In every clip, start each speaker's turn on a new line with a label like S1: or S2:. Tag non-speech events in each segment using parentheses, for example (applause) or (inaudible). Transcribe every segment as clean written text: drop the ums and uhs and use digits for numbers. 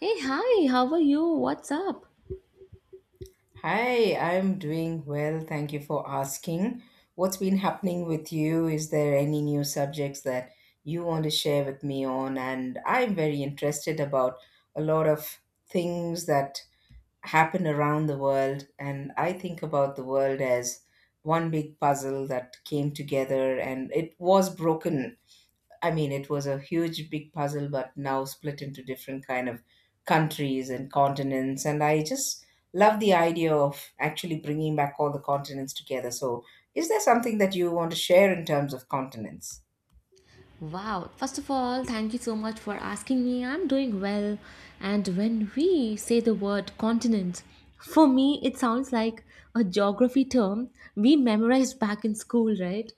S1: Hey, hi, how are you? What's up?
S2: Hi, I'm doing well. Thank you for asking. What's been happening with you? Is there any new subjects that you want to share with me on? And I'm very interested about a lot of things that happen around the world. And I think about the world as one big puzzle that came together and it was broken I mean, it was a huge, big puzzle, but now split into different kind of countries and continents. And I just love the idea of actually bringing back all the continents together. So, is there something that you want to share in terms of continents?
S1: Wow, first of all, thank you so much for asking me. I'm doing well. And when we say the word continent, for me, it sounds like a geography term we memorized back in school, right?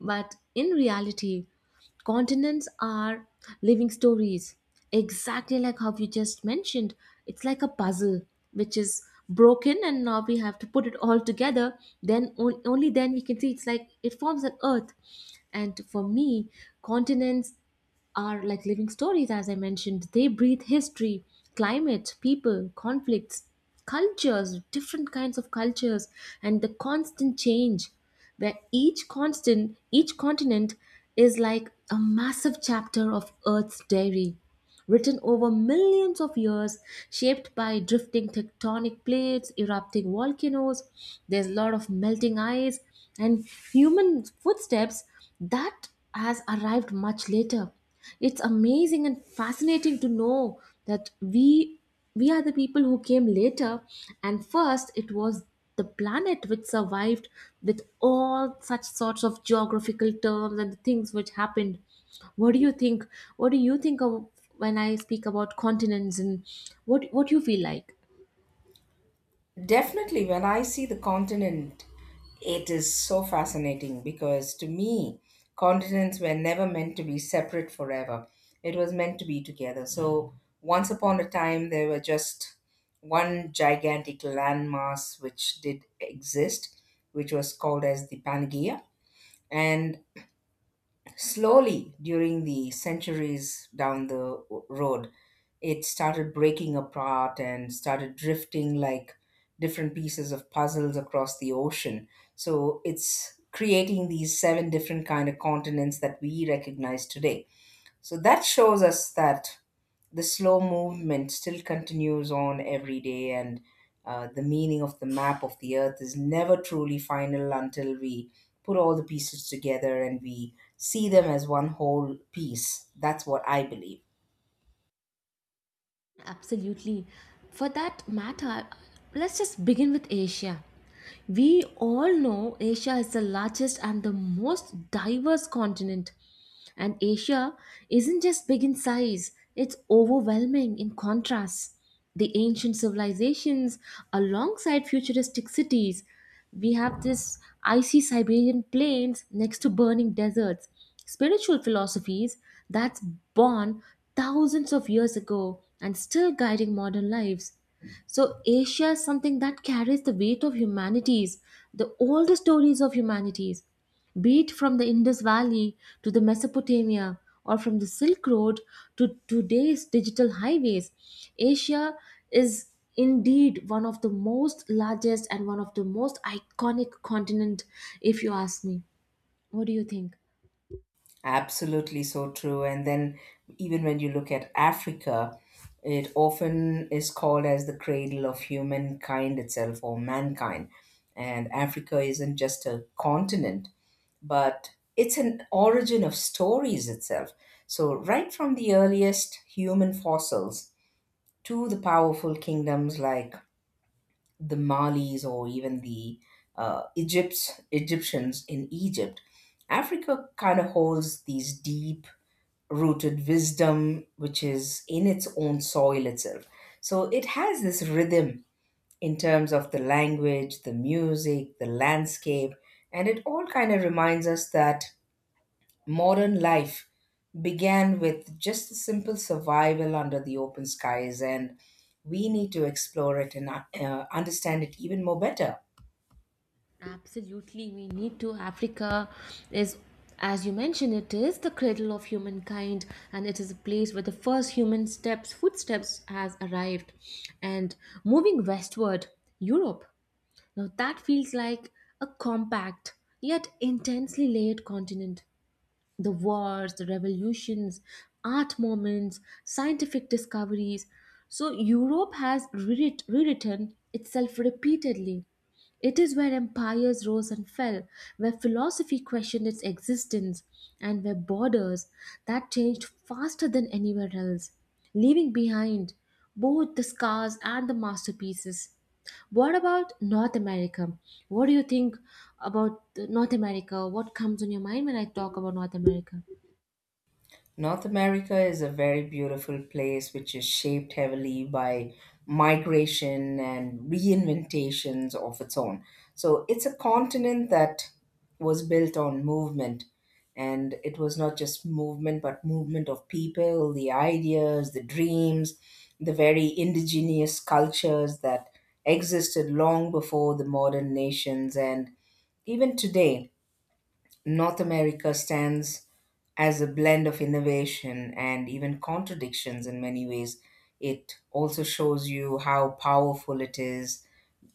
S1: But in reality, continents are living stories, exactly like how you just mentioned. It's like a puzzle, which is broken and now we have to put it all together, only then we can see it's like it forms an earth, and for me continents are like living stories, as I mentioned. They breathe history, climate, people, conflicts, cultures, different kinds of cultures, and the constant change, where each constant, each continent is like a massive chapter of Earth's diary written over millions of years, shaped by drifting tectonic plates, erupting volcanoes. There's a lot of melting ice and human footsteps that has arrived much later. It's amazing and fascinating to know that we are the people who came later, and first it was the planet which survived with all such sorts of geographical terms and the things which happened. What do you think? What do you think of when I speak about continents, and what you feel like?
S2: Definitely, when I see the continent, it is so fascinating because to me, continents were never meant to be separate forever. It was meant to be together. So, once upon a time, there were just one gigantic landmass which did exist, which was called as the Pangaea. And slowly, during the centuries down the road, it started breaking apart and started drifting like different pieces of puzzles across the ocean. So it's creating these seven different kind of continents that we recognize today. So that shows us that the slow movement still continues on every day, and the meaning of the map of the earth is never truly final until we put all the pieces together and we see them as one whole piece. That's what I believe.
S1: Absolutely. For that matter, let's just begin with Asia. We all know Asia is the largest and the most diverse continent. And Asia isn't just big in size, it's overwhelming in contrast. The ancient civilizations alongside futuristic cities. We have this icy Siberian plains next to burning deserts. Spiritual philosophies that's born thousands of years ago and still guiding modern lives. So Asia is something that carries the weight of humanities, the oldest stories of humanities, be it from the Indus Valley to the Mesopotamia, or from the Silk Road to today's digital highways. Asia is indeed one of the most largest and one of the most iconic continent, if you ask me. What do you think?
S2: Absolutely so true. And then, even when you look at Africa, it often is called as the cradle of humankind itself or mankind. And Africa isn't just a continent, but it's an origin of stories itself. So, right from the earliest human fossils to the powerful kingdoms like the Malis or even the Egypt's Egyptians in Egypt, Africa kind of holds these deep rooted wisdom which is in its own soil itself. So, it has this rhythm in terms of the language, the music, the landscape, and it all kind of reminds us that modern life began with just the simple survival under the open skies, and we need to explore it and understand it even more better.
S1: Absolutely, we need to. Africa is, as you mentioned, it is the cradle of humankind, and it is a place where the first human steps, footsteps, has arrived. And moving westward, Europe. Now that feels like a compact yet intensely layered continent. The wars, the revolutions, art moments, scientific discoveries. So Europe has rewritten itself repeatedly. It is where empires rose and fell, where philosophy questioned its existence, and where borders that changed faster than anywhere else, leaving behind both the scars and the masterpieces. What about North America? What do you think about North America? What comes on your mind when I talk about North America?
S2: North America is a very beautiful place which is shaped heavily by migration and reinventations of its own. So it's a continent that was built on movement. And it was not just movement, but movement of people, the ideas, the dreams, the very indigenous cultures that existed long before the modern nations. And even today, North America stands as a blend of innovation and even contradictions in many ways. It also shows you how powerful it is,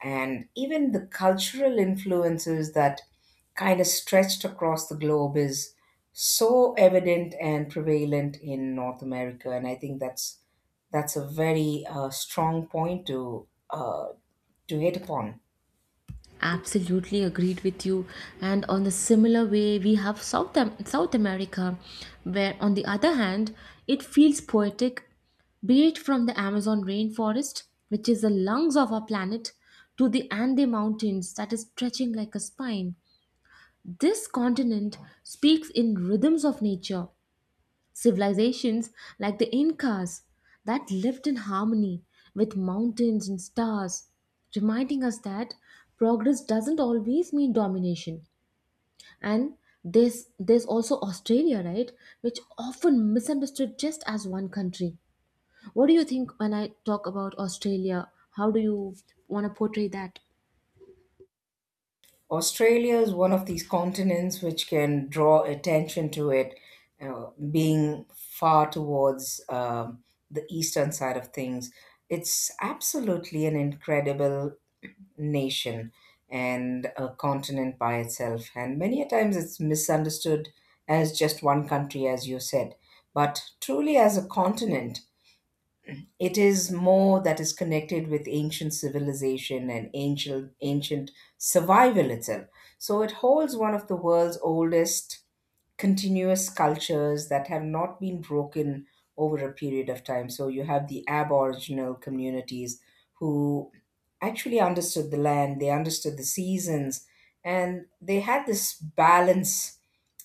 S2: and even the cultural influences that kind of stretched across the globe is so evident and prevalent in North America. And I think that's a very strong point to hit upon.
S1: Absolutely agreed with you. And on a similar way, we have South America, where on the other hand, it feels poetic, be it from the Amazon rainforest, which is the lungs of our planet, to the Ande Mountains that is stretching like a spine. This continent speaks in rhythms of nature. Civilizations like the Incas that lived in harmony with mountains and stars, reminding us that progress doesn't always mean domination. And there's also Australia, right, which often misunderstood just as one country. What do you think when I talk about Australia? How do you want to portray that?
S2: Australia is one of these continents which can draw attention to it, uh, being far towards the eastern side of things. It's absolutely an incredible nation and a continent by itself. And many a times it's misunderstood as just one country, as you said. But truly, as a continent, it is more that is connected with ancient civilization and ancient survival itself. So it holds one of the world's oldest continuous cultures that have not been broken over a period of time. So you have the aboriginal communities who actually understood the land. They understood the seasons, and they had this balance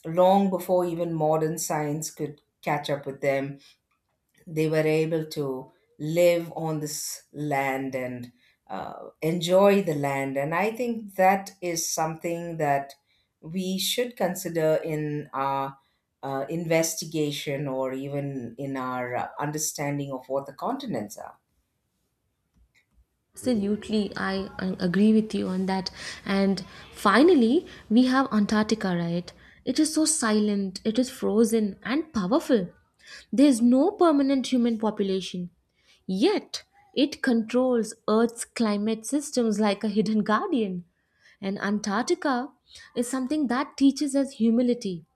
S2: long before even modern science could catch up with them. They were able to live on this land and enjoy the land. And I think that is something that we should consider in our investigation or even in our understanding of what the continents are.
S1: Absolutely, I agree with you on that. And finally, we have Antarctica, right? It is so silent, it is frozen and powerful. There is no permanent human population. Yet, it controls Earth's climate systems like a hidden guardian. And Antarctica is something that teaches us humility,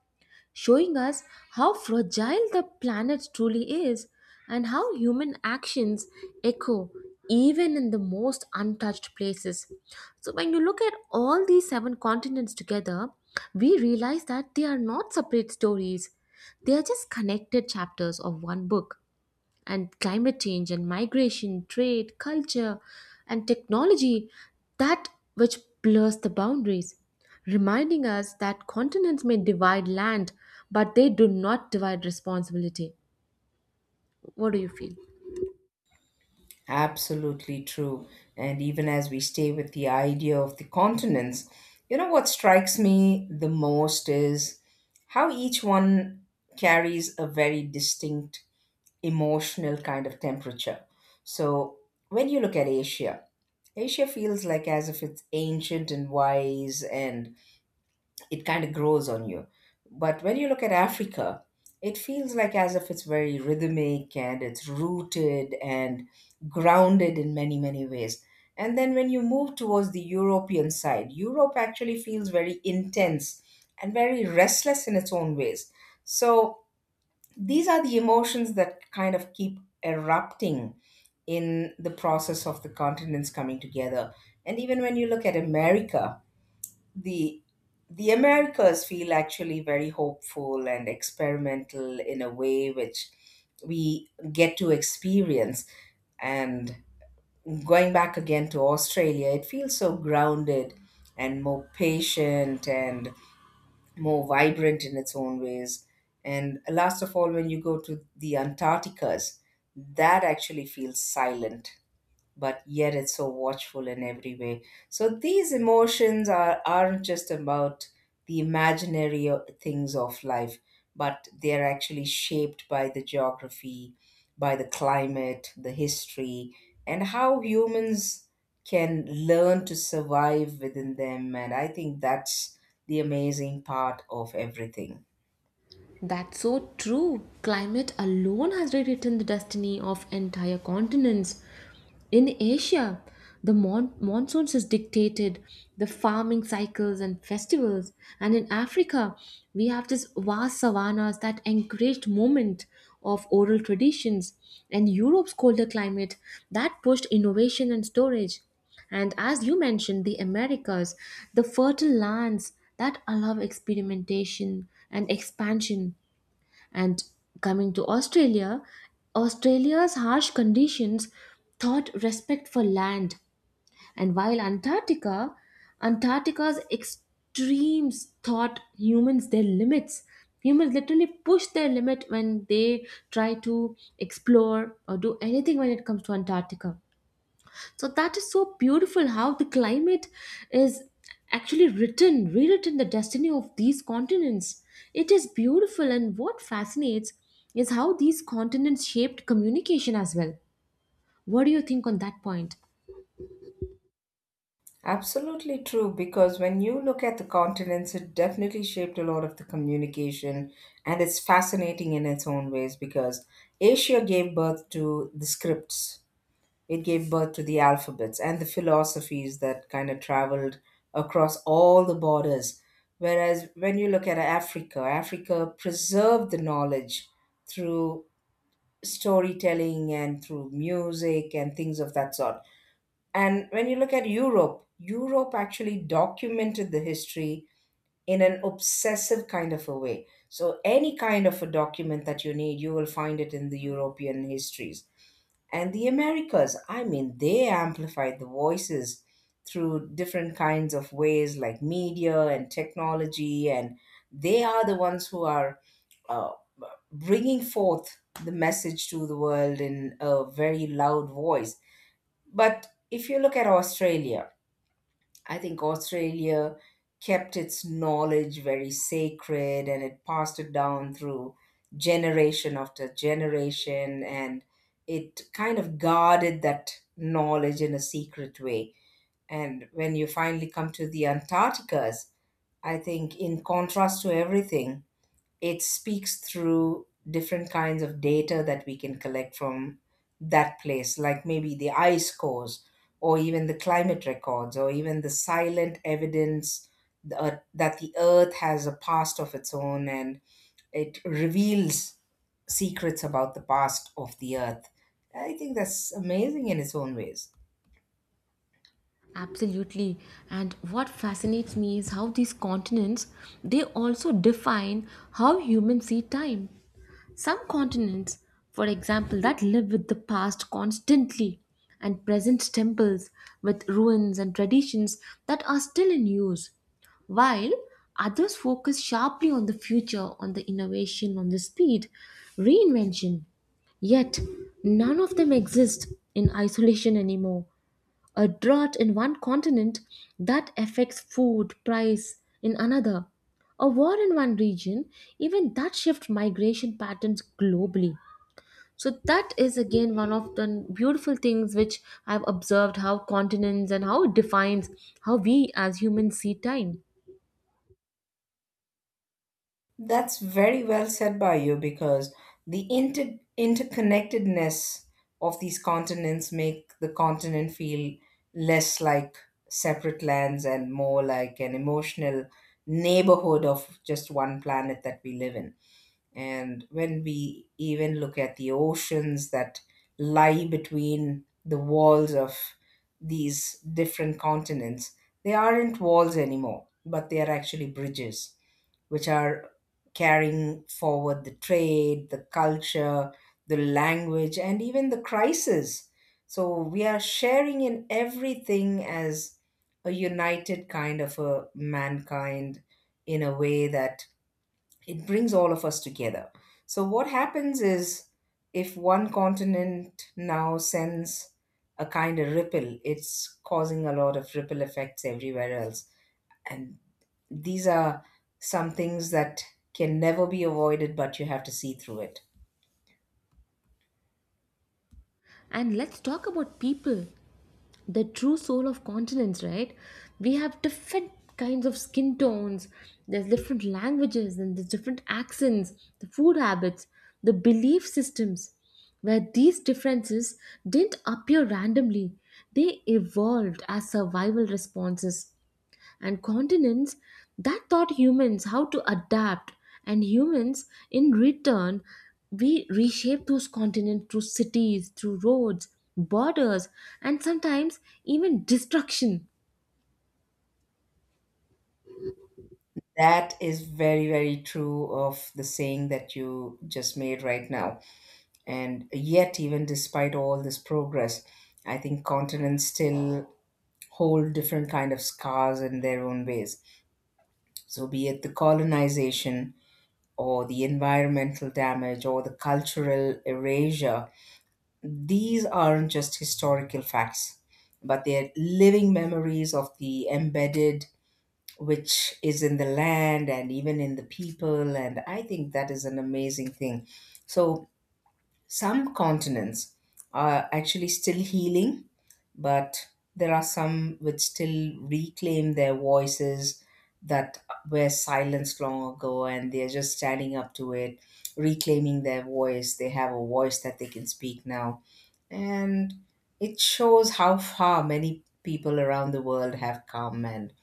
S1: showing us how fragile the planet truly is and how human actions echo even in the most untouched places. So, when you look at all these seven continents together, we realize that they are not separate stories, they are just connected chapters of one book, and climate change and migration, trade, culture, and technology, that which blurs the boundaries, reminding us that continents may divide land, but they do not divide responsibility. What do you feel?
S2: Absolutely true. And even as we stay with the idea of the continents, you know what strikes me the most is how each one carries a very distinct emotional kind of temperature. So when you look at Asia, Asia feels like as if it's ancient and wise and it kind of grows on you. But when you look at Africa, it feels like as if it's very rhythmic and it's rooted and grounded in many, many ways. And then when you move towards the European side, Europe actually feels very intense and very restless in its own ways. So these are the emotions that kind of keep erupting in the process of the continents coming together. And even when you look at America, the the Americas feel actually very hopeful and experimental in a way which we get to experience. And going back again to Australia, it feels so grounded and more patient and more vibrant in its own ways. And last of all, when you go to the Antarcticas, that actually feels silent but yet it's so watchful in every way. So these emotions aren't just about the imaginary things of life, but they're actually shaped by the geography, by the climate, the history, and how humans can learn to survive within them. And I think that's the amazing part of everything.
S1: That's so true. Climate alone has rewritten the destiny of entire continents. In Asia, the monsoons is dictated, the farming cycles and festivals. And in Africa, we have this vast savannas that encouraged movement of oral traditions. And Europe's colder climate that pushed innovation and storage. And as you mentioned, the Americas, the fertile lands that allow experimentation and expansion. And coming to Australia, Australia's harsh conditions taught respect for land. And while Antarctica, Antarctica's extremes taught humans their limits. Humans literally push their limit when they try to explore or do anything when it comes to Antarctica, so that is so beautiful how the climate is actually written, rewritten the destiny of these continents. It is beautiful, and what fascinates is how these continents shaped communication as well. What do you think on that point?
S2: Absolutely true, because when you look at the continents, it definitely shaped a lot of the communication, and it's fascinating in its own ways because Asia gave birth to the scripts, it gave birth to the alphabets and the philosophies that kind of traveled across all the borders. Whereas when you look at Africa, Africa preserved the knowledge through storytelling and through music and things of that sort. And when you look at Europe, Europe actually documented the history in an obsessive kind of a way. So, any kind of a document that you need, you will find it in the European histories. And the Americas, I mean, they amplified the voices through different kinds of ways like media and technology. And they are the ones who are uh, bringing forth the message to the world in a very loud voice. But if you look at Australia, I think Australia kept its knowledge very sacred and it passed it down through generation after generation, and it kind of guarded that knowledge in a secret way. And when you finally come to the Antarcticas, I think in contrast to everything, it speaks through different kinds of data that we can collect from that place, like maybe the ice cores, or even the climate records, or even the silent evidence that the earth has a past of its own and it reveals secrets about the past of the earth. I think that's amazing in its own ways.
S1: Absolutely. And what fascinates me is how these continents they also define how humans see time. Some continents, for example, that live with the past constantly and present temples with ruins and traditions that are still in use, while others focus sharply on the future, on the innovation, on the speed, reinvention. Yet, none of them exist in isolation anymore. A drought in one continent that affects food price in another, a war in one region, even that shift migration patterns globally. So that is again one of the beautiful things which I've observed, how continents and how it defines how we as humans see time.
S2: That's very well said by you because the interconnectedness of these continents make the continent feel less like separate lands and more like an emotional neighborhood of just one planet that we live in. And when we even look at the oceans that lie between the walls of these different continents, they aren't walls anymore, but they are actually bridges which are carrying forward the trade, the culture, the language, and even the crisis. So we are sharing in everything as a united kind of a mankind in a way that it brings all of us together. So what happens is, if one continent now sends a kind of ripple, it's causing a lot of ripple effects everywhere else. And these are some things that can never be avoided, but you have to see through it.
S1: And let's talk about people, the true soul of continents, right? We have different kinds of skin tones, there's different languages, and there's different accents, the food habits, the belief systems, where these differences didn't appear randomly, they evolved as survival responses, and continents that taught humans how to adapt, and humans in return we reshape those continents through cities, through roads, borders, and sometimes even destruction.
S2: That is very, very true of the saying that you just made right now. And yet, even despite all this progress, I think continents still hold different kind of scars in their own ways. So be it the colonization or the environmental damage or the cultural erasure, these aren't just historical facts, but they're living memories of the embedded, which is in the land and even in the people. And I think that is an amazing thing. So, some continents are actually still healing, but there are some which still reclaim their voices that were silenced long ago and they're just standing up to it, reclaiming their voice. They have a voice that they can speak now. And it shows how far many people around the world have come, and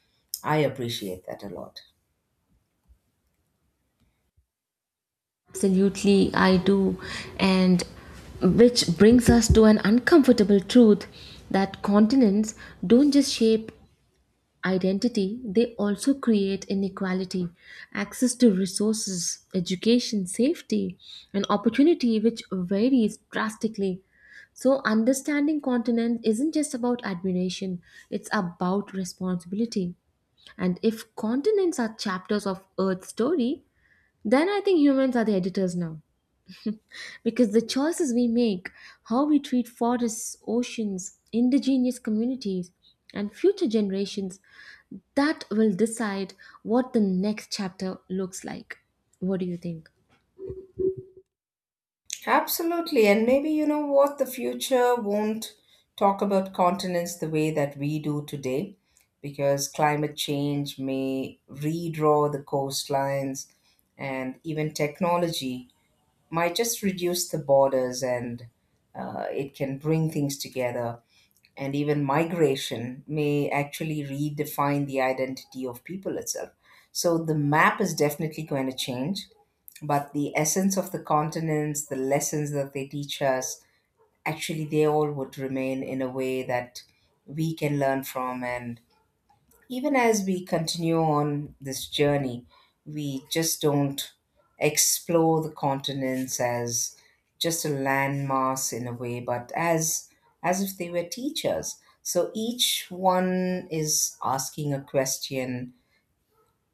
S2: I appreciate that a lot.
S1: Absolutely, I do. And which brings us to an uncomfortable truth, that continents don't just shape identity, they also create inequality. Access to resources, education, safety, and opportunity, which varies drastically. So, understanding continent isn't just about admiration, it's about responsibility. And if continents are chapters of Earth's story, then I think humans are the editors now. Because the choices we make, how we treat forests, oceans, indigenous communities, and future generations, that will decide what the next chapter looks like. What do you think?
S2: Absolutely. And maybe you know what? The future won't talk about continents the way that we do today, because climate change may redraw the coastlines and even technology might just reduce the borders and it can bring things together. And even migration may actually redefine the identity of people itself. So the map is definitely going to change, but the essence of the continents, the lessons that they teach us, actually, they all would remain in a way that we can learn from. And even as we continue on this journey, we just don't explore the continents as just a landmass in a way, but as if they were teachers. So each one is asking a question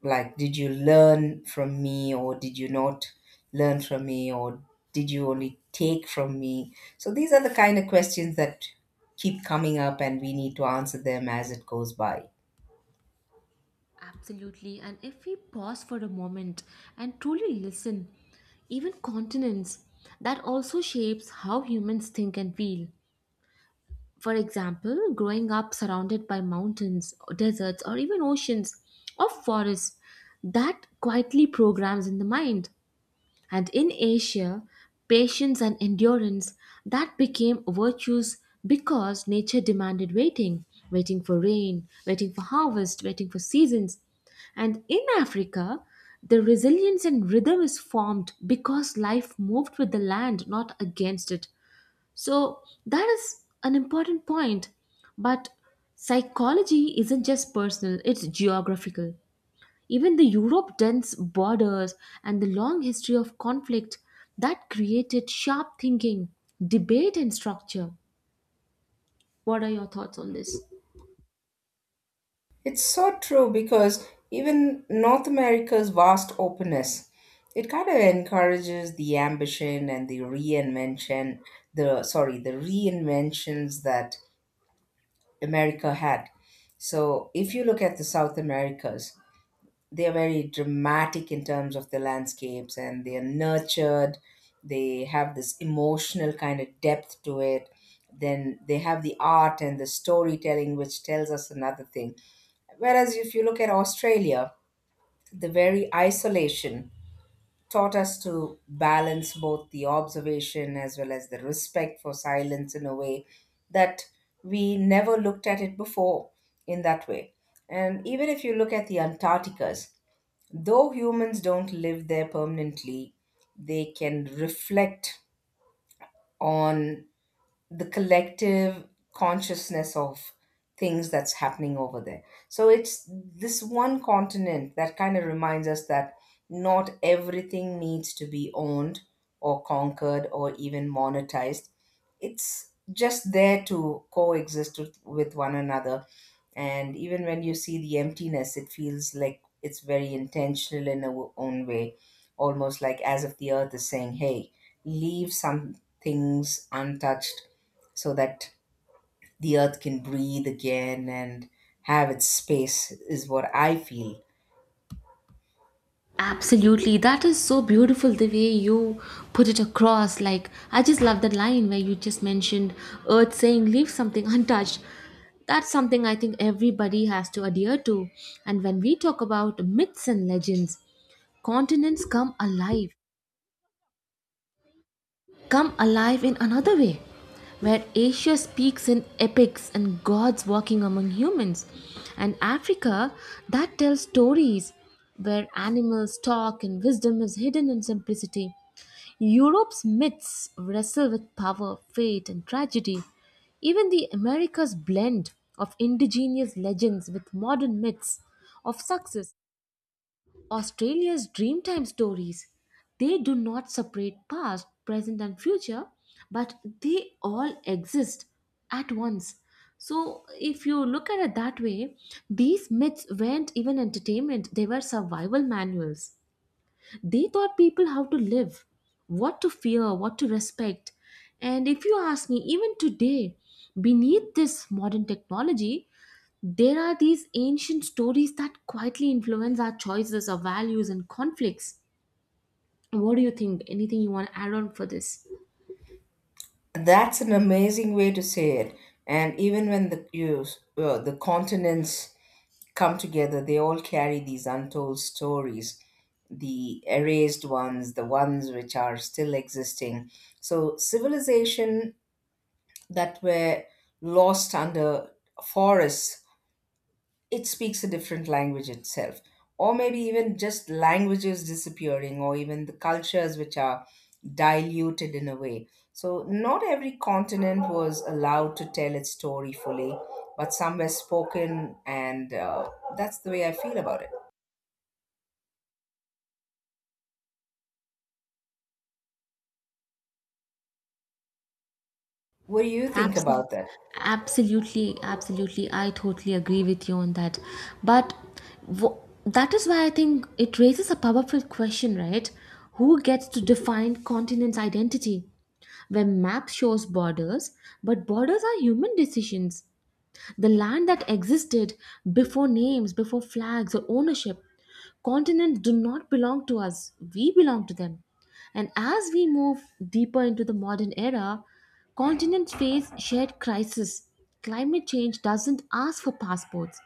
S2: like, did you learn from me, or did you not learn from me, or did you only take from me? So these are the kind of questions that keep coming up, and we need to answer them as it goes by.
S1: Absolutely. And if we pause for a moment and truly listen, even continents, that also shapes how humans think and feel. For example, growing up surrounded by mountains, deserts, or even oceans or forests, that quietly programs in the mind. And in Asia, patience and endurance that became virtues because nature demanded waiting, waiting for rain, waiting for harvest, waiting for seasons. And in Africa, the resilience and rhythm is formed because life moved with the land, not against it. So that is an important point. But psychology isn't just personal, it's geographical. Even the Europe dense borders and the long history of conflict that created sharp thinking, debate and structure. What are your thoughts on this?
S2: It's so true because even North America's vast openness, it kind of encourages the ambition and the reinvention, the reinventions that America had. So if you look at the South Americas, they are very dramatic in terms of the landscapes, and they are nurtured, they have this emotional kind of depth to it. Then they have the art and the storytelling which tells us another thing. Whereas if you look at Australia, the very isolation taught us to balance both the observation as well as the respect for silence in a way that we never looked at it before, in that way. And even if you look at the Antarcticas, though humans don't live there permanently, they can reflect on the collective consciousness of things that's happening over there. So it's this one continent that kind of reminds us that not everything needs to be owned or conquered or even monetized. It's just there to coexist with one another. And even when you see the emptiness, it feels like it's very intentional in our own way, almost like as if the earth is saying, hey, leave some things untouched so that the earth can breathe again and have its space is what I feel.
S1: Absolutely. That is so beautiful the way you put it across. Like, I just love that line where you just mentioned Earth saying, leave something (laughs) untouched. That's something I think everybody has to adhere to. And when we talk about myths and legends, continents come alive, come alive in another way, where Asia speaks in epics and gods walking among humans, and Africa that tells stories where animals talk and wisdom is hidden in simplicity. Europe's myths wrestle with power, fate, and tragedy. Even the Americas blend of indigenous legends with modern myths of success, Australia's Dreamtime stories. They do not separate past, present, and future, but they all exist at once. So, if you look at it that way, these myths weren't even entertainment, they were survival manuals. They taught people how to live, what to fear, what to respect. And if you ask me, even today, beneath this modern technology, there are these ancient stories that quietly influence our choices, our values, and conflicts. What do you think? Anything you want to add on for this?
S2: That's an amazing way to say it. And even when the continents come together, they all carry these untold stories, the erased ones, the ones which are still existing. So civilization that were lost under forests, it speaks a different language itself. Or maybe even just languages disappearing, or even the cultures which are diluted in a way. So not every continent was allowed to tell its story fully, but some were spoken, and that's the way I feel about it. What do you think
S1: Absolutely.
S2: about that?
S1: Absolutely, absolutely, I totally agree with you on that. But wh- that is why I think it raises a powerful question, right? Who gets to define continent's identity? Where map shows borders, but borders are human decisions. The land that existed before names, before flags or ownership. Continents do not belong to us, we belong to them. And as we move deeper into the modern era, continents face shared crisis. Climate change doesn't ask for passports.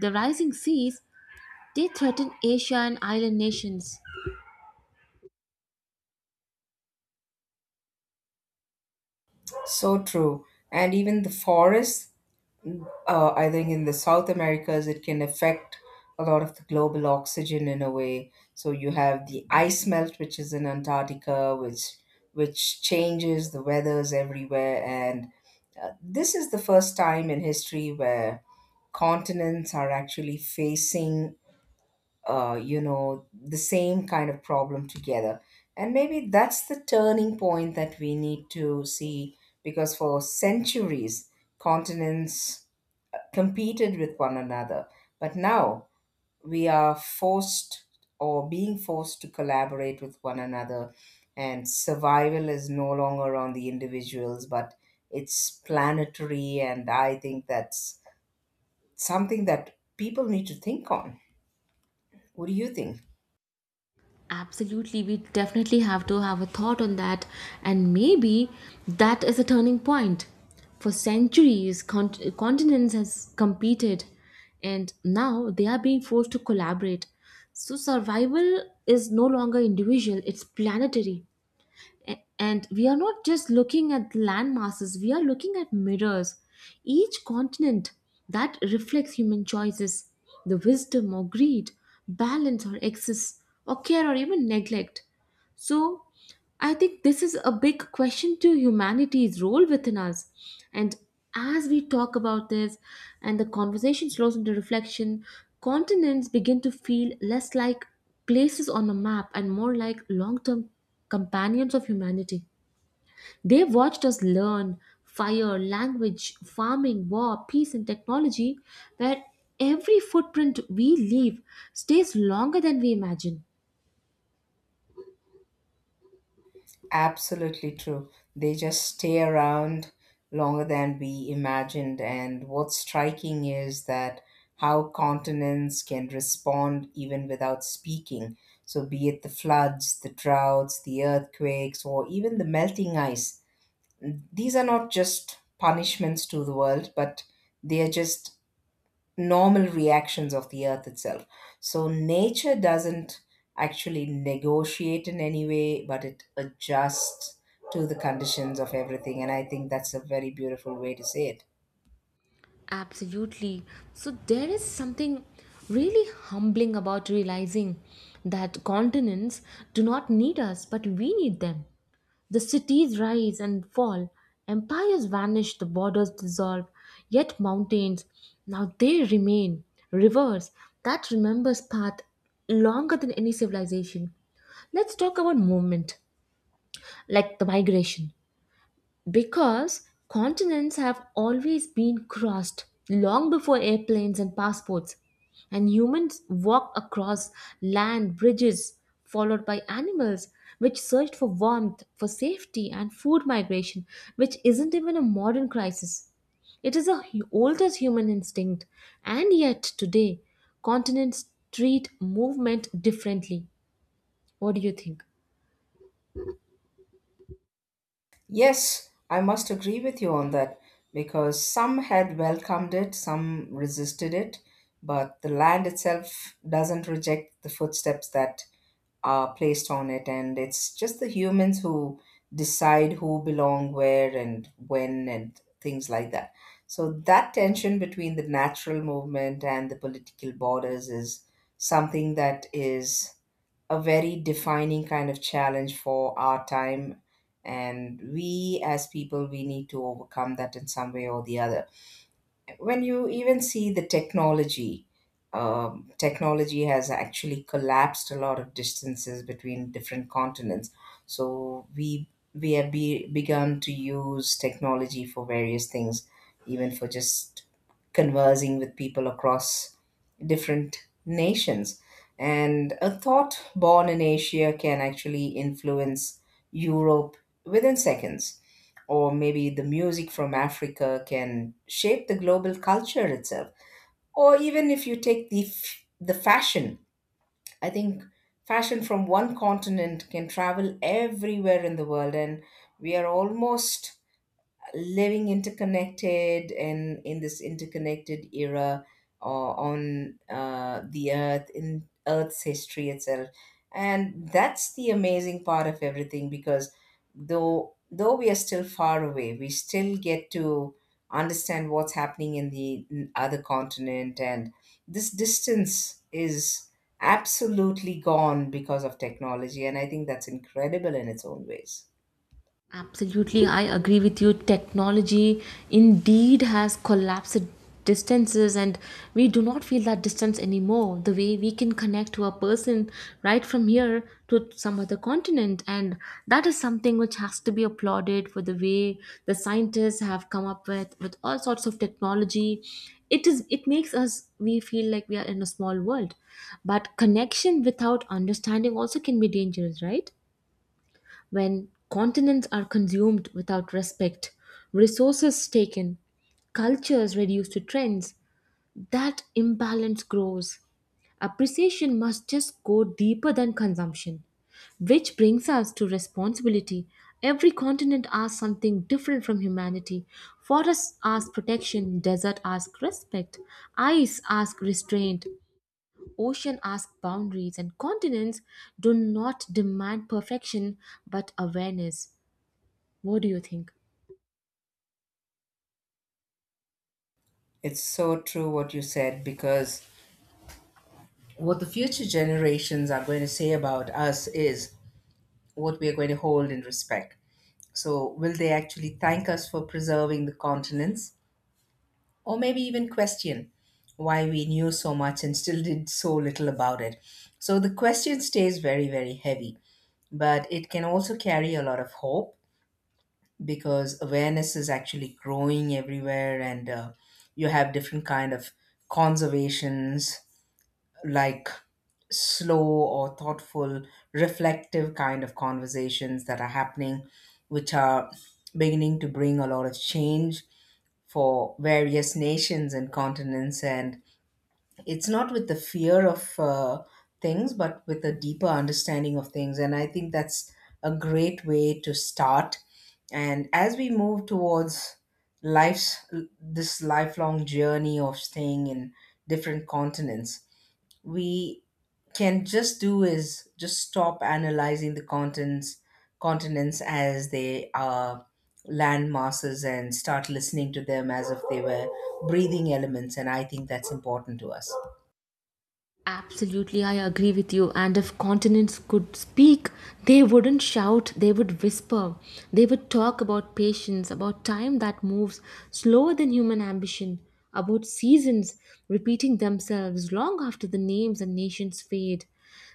S1: The rising seas, they threaten Asia and island nations.
S2: So true. And even the forests, I think in the South Americas, it can affect a lot of the global oxygen in a way. So you have the ice melt, which is in Antarctica, which changes the weathers everywhere. And this is the first time in history where continents are actually facing the same kind of problem together. And maybe that's the turning point that we need to see, because for centuries, continents competed with one another. But now we are forced or being forced to collaborate with one another, and survival is no longer on the individuals, but it's planetary. And I think that's something that people need to think on. What do you think?
S1: Absolutely, we definitely have to have a thought on that, and maybe that is a turning point. For centuries, continents has competed, and now they are being forced to collaborate. So survival is no longer individual; it's planetary. And we are not just looking at land masses, we are looking at mirrors, each continent that reflects human choices, the wisdom or greed, balance or excess, or care or even neglect. So I think this is a big question to humanity's role within us. And as we talk about this and the conversation slows into reflection, continents begin to feel less like places on a map and more like long term companions of humanity. They watched us learn fire, language, farming, war, peace, and technology, where every footprint we leave stays longer than we imagine.
S2: Absolutely true. They just stay around longer than we imagined. And what's striking is that how continents can respond even without speaking. So, be it the floods, the droughts, the earthquakes, or even the melting ice, these are not just punishments to the world, but they are just normal reactions of the earth itself. So nature doesn't actually negotiate in any way, but it adjusts to the conditions of everything. And I think that's a very beautiful way to say it.
S1: Absolutely. So there is something really humbling about realizing that continents do not need us, but we need them. The cities rise and fall, empires vanish, the borders dissolve, yet mountains, now they remain, rivers that remembers path longer than any civilization. Let's talk about movement, like the migration. Because continents have always been crossed long before airplanes and passports, and humans walked across land bridges followed by animals which searched for warmth, for safety, and food migration, which isn't even a modern crisis. It is the oldest human instinct, and yet today continents treat movement differently. What do you think?
S2: Yes, I must agree with you on that, because some had welcomed it, some resisted it, but the land itself doesn't reject the footsteps that are placed on it, and it's just the humans who decide who belong where and when and things like that. So that tension between the natural movement and the political borders is something that is a very defining kind of challenge for our time, and we as people, we need to overcome that in some way or the other. When you even see the technology, technology has actually collapsed a lot of distances between different continents. So we begun to use technology for various things, even for just conversing with people across different nations. And a thought born in Asia can actually influence Europe within seconds, or maybe the music from Africa can shape the global culture itself. Or even if you take the fashion, I think fashion from one continent can travel everywhere in the world, and we are almost living interconnected, and in this interconnected era, or on the earth, in earth's history itself. And that's the amazing part of everything, because though we are still far away, we still get to understand what's happening in other continent, and this distance is absolutely gone because of technology, and I think that's incredible in its own ways.
S1: Absolutely, I agree with you. Technology indeed has collapsed distances, and we do not feel that distance anymore. The way we can connect to a person right from here to some other continent, and that is something which has to be applauded for the way the scientists have come up with all sorts of technology. It is it makes us we feel like we are in a small world, but connection without understanding also can be dangerous, right? When continents are consumed without respect, resources taken, cultures reduced to trends, that imbalance grows. Appreciation must just go deeper than consumption. Which brings us to responsibility. Every continent asks something different from humanity. Forests ask protection, desert ask respect, ice ask restraint, ocean ask boundaries, and continents do not demand perfection but awareness. What do you think?
S2: It's so true what you said, because what the future generations are going to say about us is what we are going to hold in respect. So, will they actually thank us for preserving the continents, or maybe even question why we knew so much and still did so little about it? So, the question stays very, very heavy, but it can also carry a lot of hope, because awareness is actually growing everywhere, and you have different kind of conservations, like slow or thoughtful, reflective kind of conversations that are happening, which are beginning to bring a lot of change for various nations and continents. And it's not with the fear of things, but with a deeper understanding of things. And I think that's a great way to start. And as we move towards life's this lifelong journey of staying in different continents, we can just do is just stop analyzing the continents as they are land masses, and start listening to them as if they were breathing elements, and I think that's important to us.
S1: Absolutely, I agree with you. And if continents could speak, they wouldn't shout, they would whisper. They would talk about patience, about time that moves slower than human ambition, about seasons repeating themselves long after the names and nations fade.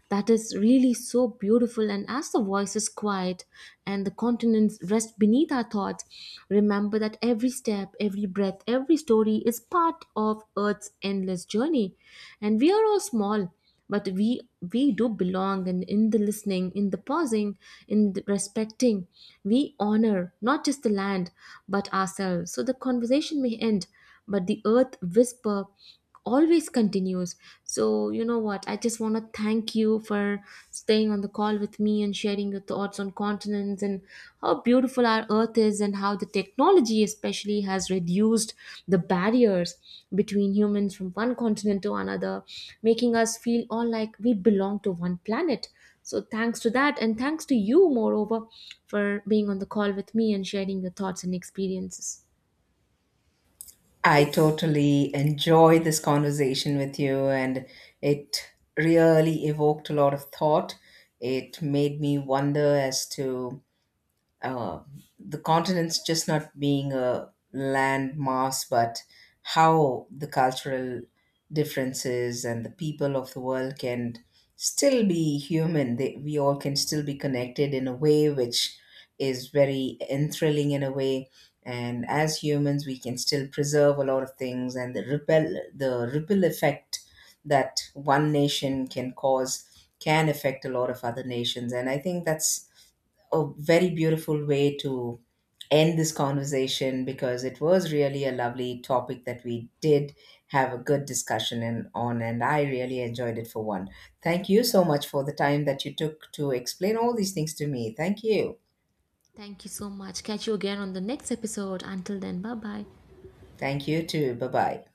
S1: That is really so beautiful. And as the voice is quiet and the continents rest beneath our thoughts, remember that every step, every breath, every story is part of Earth's endless journey. And we are all small, but we do belong, and in the listening, in the pausing, in the respecting, we honor not just the land but ourselves. So the conversation may end, but the earth whisper always continues. So, you know what? I just want to thank you for staying on the call with me and sharing your thoughts on continents and how beautiful our earth is, and how the technology, especially, has reduced the barriers between humans from one continent to another, making us feel all like we belong to one planet. So, thanks to that, and thanks to you, moreover, for being on the call with me and sharing your thoughts and experiences.
S2: I totally enjoyed this conversation with you, and it really evoked a lot of thought. It made me wonder as to uh, the continents just not being a land mass, but how the cultural differences and the people of the world can still be human. We all can still be connected in a way which is very enthralling in a way. And as humans, we can still preserve a lot of things, and the ripple effect that one nation can cause can affect a lot of other nations. And I think that's a very beautiful way to end this conversation, because it was really a lovely topic that we did have a good discussion and on, and I really enjoyed it for one. Thank you so much for the time that you took to explain all these things to me. Thank you.
S1: Thank you so much. Catch you again on the next episode. Until then, bye bye.
S2: Thank you too. Bye-bye.